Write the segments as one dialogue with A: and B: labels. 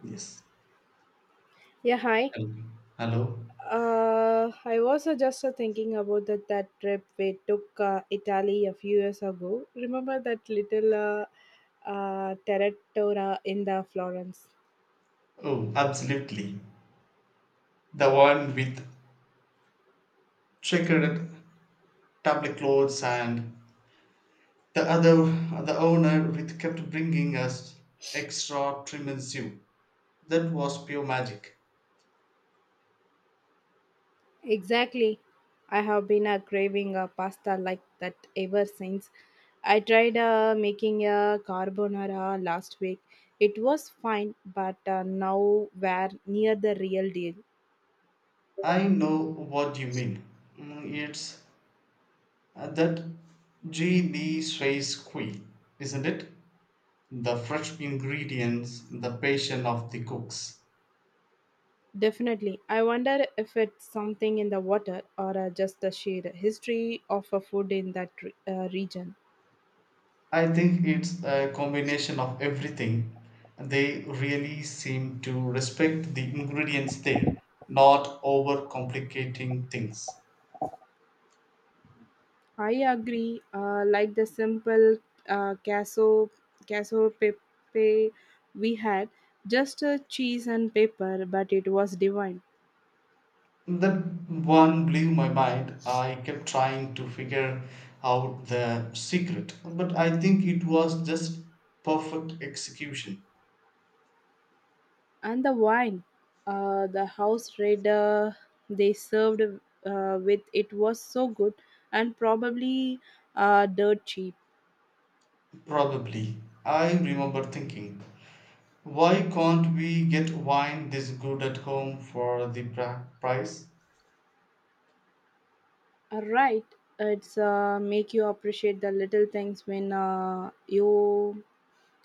A: Yes.
B: Yeah, hi.
A: Hello. Hello.
B: I was just thinking about that trip we took Italy a few years ago. Remember that little territoria in the Florence?
A: Oh, absolutely. The one with checkered tablecloths and the other, the owner with kept bringing us extra trim soup. That was pure magic.
B: Exactly. I have been craving a pasta like that ever since. I tried making a carbonara last week. It was fine, but now we're near the real deal.
A: I know what you mean. Mm, it's that G. D. Swiss Kui, isn't it? The fresh ingredients, the passion of the cooks.
B: Definitely. I wonder if it's something in the water or just the sheer history of a food in that region.
A: I think it's a combination of everything. They really seem to respect the ingredients there, not overcomplicating things.
B: I agree. Like the simple queso, queso pepe we had, just a cheese and pepper, but it was divine.
A: That one blew my mind. I kept trying to figure out the secret, but I think it was just perfect execution.
B: And the wine, the house raider they served with it was so good and probably dirt cheap.
A: Probably. I remember thinking, why can't we get wine this good at home for the price?
B: Right, it's make you appreciate the little things when you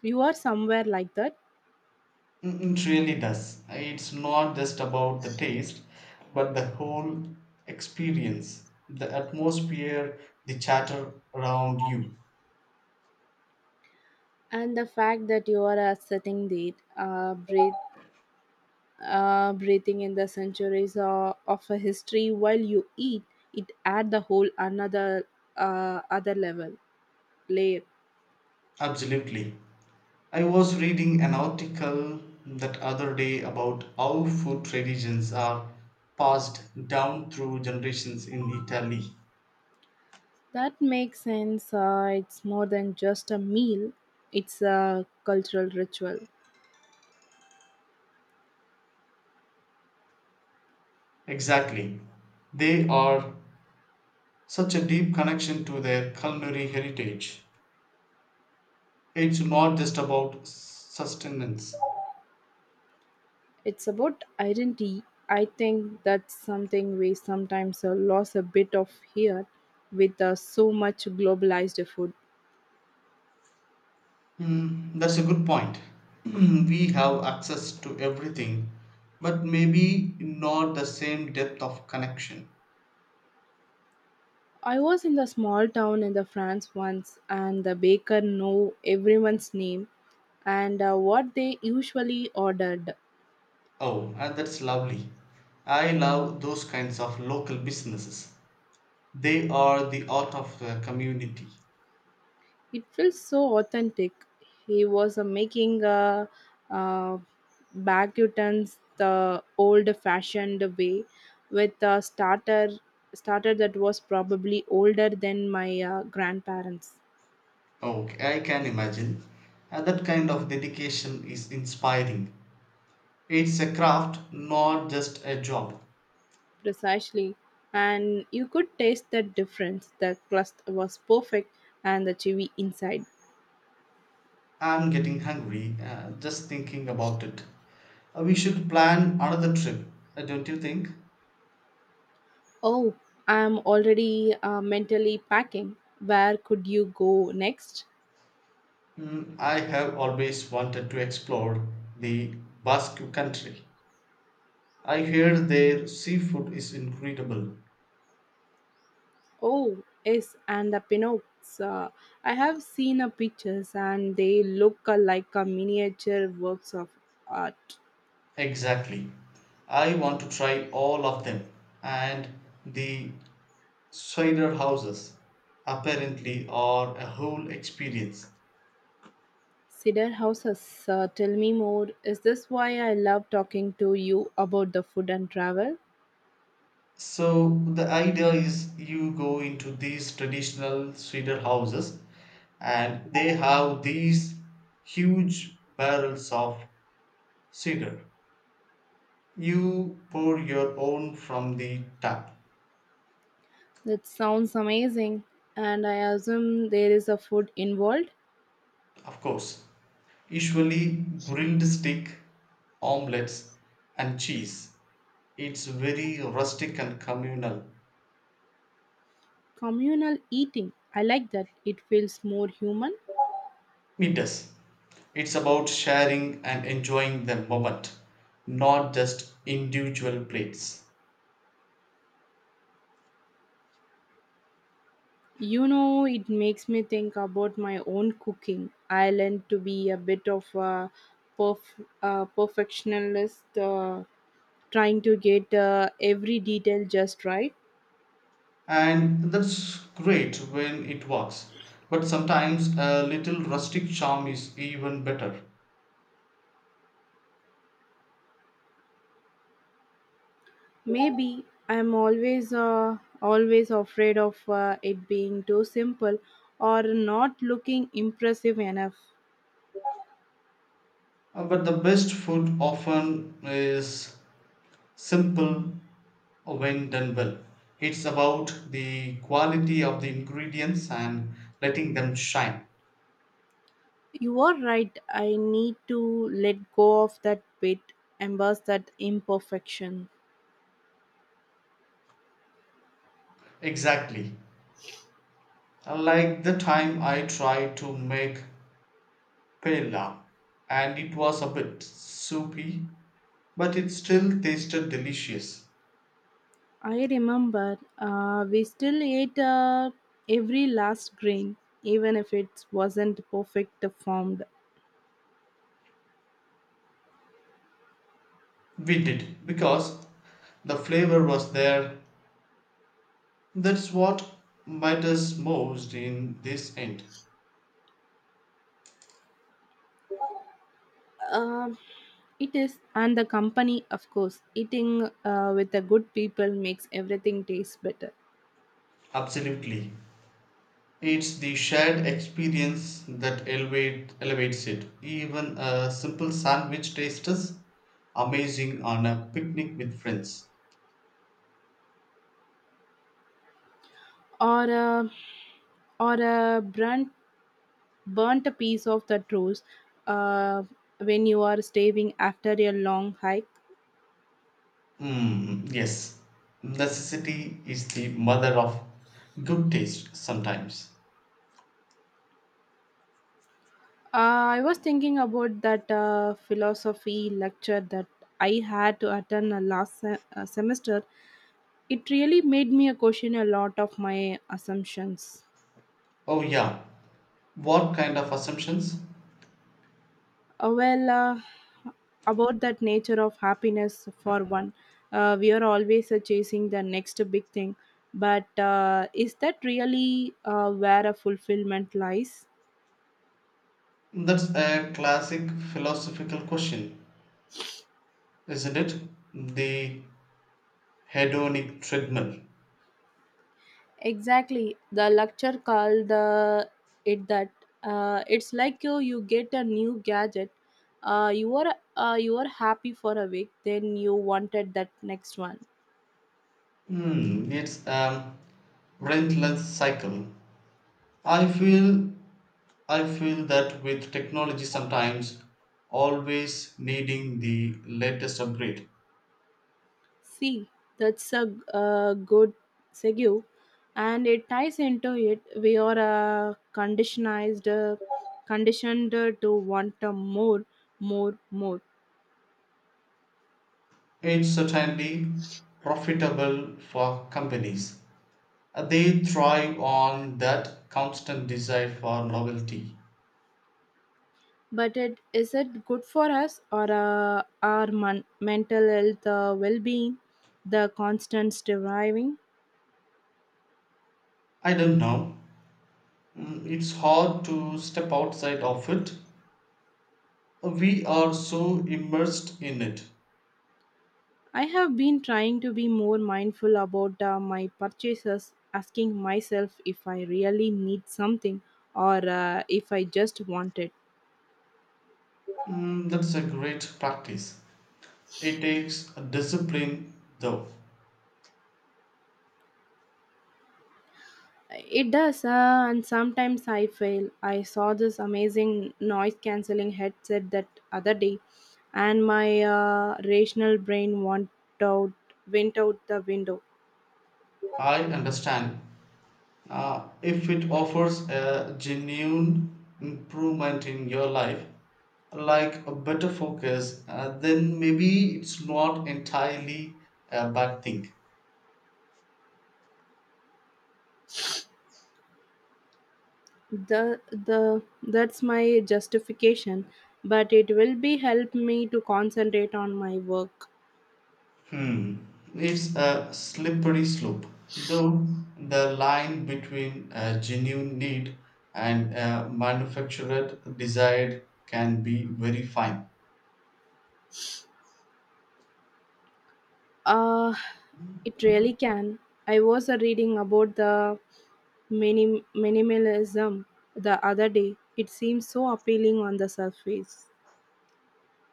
B: you are somewhere like that,
A: Mm, it really does. It's not just about the taste, but the whole experience, the atmosphere, the chatter around you.
B: and the fact that you are sitting there, breathing in the centuries of a history while you eat, it add the whole another other level layer.
A: Absolutely. I was reading an article that other day about how food traditions are passed down through generations in Italy.
B: That makes sense. It's more than just a meal; it's a cultural ritual.
A: Exactly. They are such a deep connection to their culinary heritage. It's not just about sustenance.
B: It's about identity. I think that's something we sometimes lose a bit of here with so much globalized food.
A: Hmm, that's a good point. We have access to everything, but maybe not the same depth of connection.
B: I was in the small town in the France once and the baker knew everyone's name and what they usually ordered.
A: Oh, and that's lovely. I love those kinds of local businesses. They are the art of the community.
B: It feels so authentic. He was making uh, bacutans the old-fashioned way, with a starter that was probably older than my grandparents.
A: Okay, I can imagine. And that kind of dedication is inspiring. It's a craft, not just a job.
B: Precisely, and you could taste the difference. The crust was perfect, and the chewy inside.
A: I'm getting hungry just thinking about it. We should plan another trip, don't you think?
B: Oh, I'm already mentally packing. Where could you go next?
A: Mm, I have always wanted to explore the Basque country. I hear their seafood is incredible.
B: Oh, yes, and the Pinocchs. Uh, I have seen the pictures and they look like a miniature works of art.
A: Exactly. I want to try all of them. And the cider houses apparently are a whole experience.
B: Cedar houses, tell me more. Is this why I love talking to you about the food and travel?
A: So the idea is you go into these traditional cedar houses and they have these huge barrels of cedar. You pour your own from the tap,
B: That sounds amazing. And I assume there is a food involved?
A: of course. Usually grilled steak, omelets and cheese. It's very rustic and communal.
B: Communal eating. I like that. It feels more human.
A: It does. It's about sharing and enjoying the moment, not just individual plates.
B: You know, it makes me think about my own cooking. I learned to be a bit of a perfectionist, trying to get every detail just right.
A: And that's great when it works, but sometimes a little rustic charm is even better.
B: Maybe I'm always afraid of it being too simple or not looking impressive enough.
A: But the best food often is simple. When done well, it's about the quality of the ingredients and letting them shine.
B: You are right. I need to let go of that bit, embrace that imperfection.
A: Exactly. Like the time I tried to make paella and it was a bit soupy, but it still tasted delicious.
B: I remember we still ate every last grain, even if it wasn't perfect formed.
A: We did because the flavor was there. That's what matters most in this end.
B: Um, it is, and the company, of course, eating with the good people makes everything taste better.
A: Absolutely. It's the shared experience that elevates it. Even a simple sandwich tastes amazing on a picnic with friends.
B: Or, uh, or a burnt piece of the toast uh, when you are starving after a long hike.
A: Mm, yes, necessity is the mother of good taste sometimes.
B: I was thinking about that philosophy lecture that I had to attend last semester. It really made me question a lot of my assumptions.
A: Oh, yeah. What kind of assumptions?
B: Uh, well, uh, about that nature of happiness, for one, we are always chasing the next big thing, but is that really where a fulfillment lies?
A: That's a classic philosophical question, isn't it? The hedonic treadmill.
B: Exactly. The lecture called the it that it's like you get a new gadget. You are happy for a week, then you wanted that next one.
A: Hmm, it's a relentless cycle. I feel I feel that with technology sometimes, always needing the latest upgrade.
B: See, that's a good segue, and it ties into it. We are uh, conditioned uh, conditioned to want a more,
A: It's certainly profitable for companies. They thrive on that constant desire for novelty.
B: but it is it good for us or our mental health well-being, the constant striving.
A: I don't know. Mm, it's hard to step outside of it. We are so immersed in it.
B: I have been trying to be more mindful about my purchases, asking myself if I really need something or if I just want it.
A: Mm, that's a great practice. It takes a discipline, though.
B: It does, and sometimes I fail. I saw this amazing noise cancelling headset that other day and my rational brain out went out the window.
A: I understand. If it offers a genuine improvement in your life, like a better focus, then maybe it's not entirely a bad thing.
B: The the that's my justification, but it will be help me to concentrate on my work.
A: Hmm. It's a slippery slope, though the line between a genuine need and a manufactured desire can be very fine.
B: uh it really can. I was reading about minimalism the other day. It seems so appealing on the surface.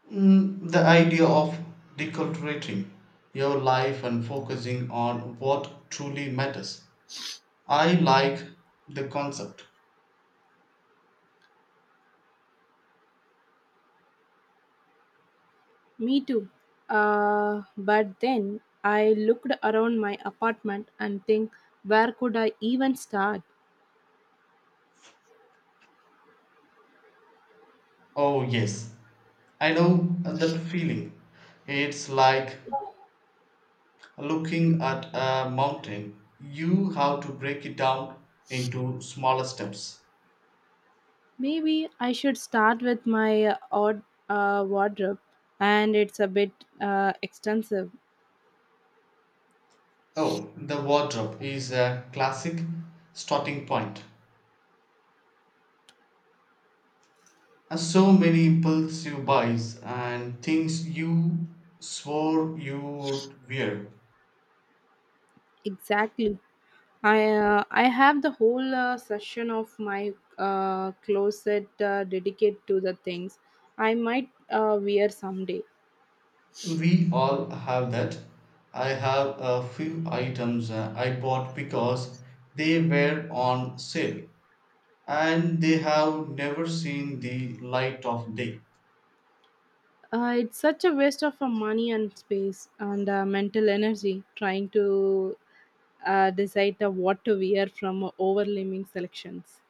A: Hmm, the idea of deculturating your life and focusing on what truly matters. I like the concept.
B: Me too, but then I looked around my apartment and think, where could I even start?
A: Oh, yes, I know that feeling. It's like looking at a mountain, you have to break it down into smaller steps.
B: Maybe I should start with my odd wardrobe, and it's a bit extensive.
A: Oh, the wardrobe is a classic starting point. So many impulsive buys and things you swore you'd wear.
B: Exactly. I I have the whole session of my closet dedicated to the things I might wear someday.
A: We all have that. I have a few items I bought because they were on sale and they have never seen the light of day.
B: It's such a waste of money and space and mental energy trying to decide what to wear from overwhelming selections.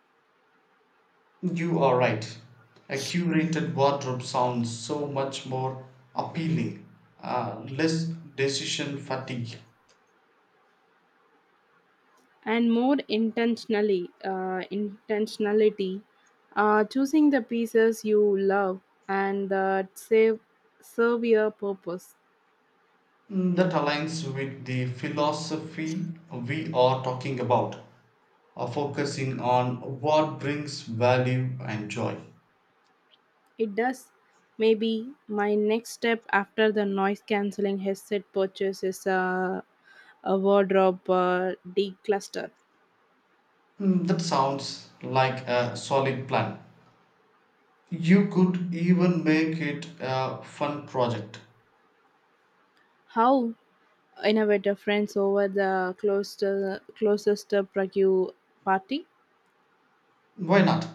A: You are right. A curated wardrobe sounds so much more appealing, less decision fatigue.
B: And more intentionally intentionality, choosing the pieces you love and that save serve your purpose.
A: Mm, that aligns with the philosophy we are talking about, focusing on what brings value and joy.
B: It does. Maybe my next step after the noise cancelling headset purchase is a wardrobe decluster.
A: Mm, that sounds like a solid plan. You could even make it a fun project.
B: How innovative, friends over the closest prague party.
A: Why not?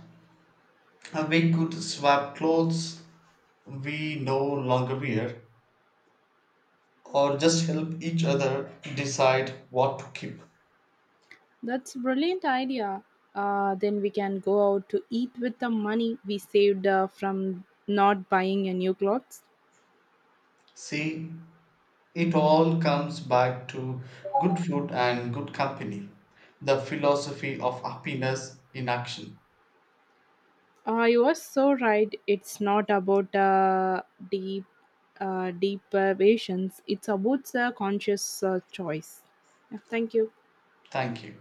A: We could swap clothes we no longer wear or just help each other decide what to keep.
B: That's a brilliant idea. Then we can go out to eat with the money we saved from not buying a new clothes.
A: See, it all comes back to good food and good company, the philosophy of happiness in action.
B: You are so right. It's not about deep, deep visions. It's about conscious choice. Yeah, thank you.
A: Thank you.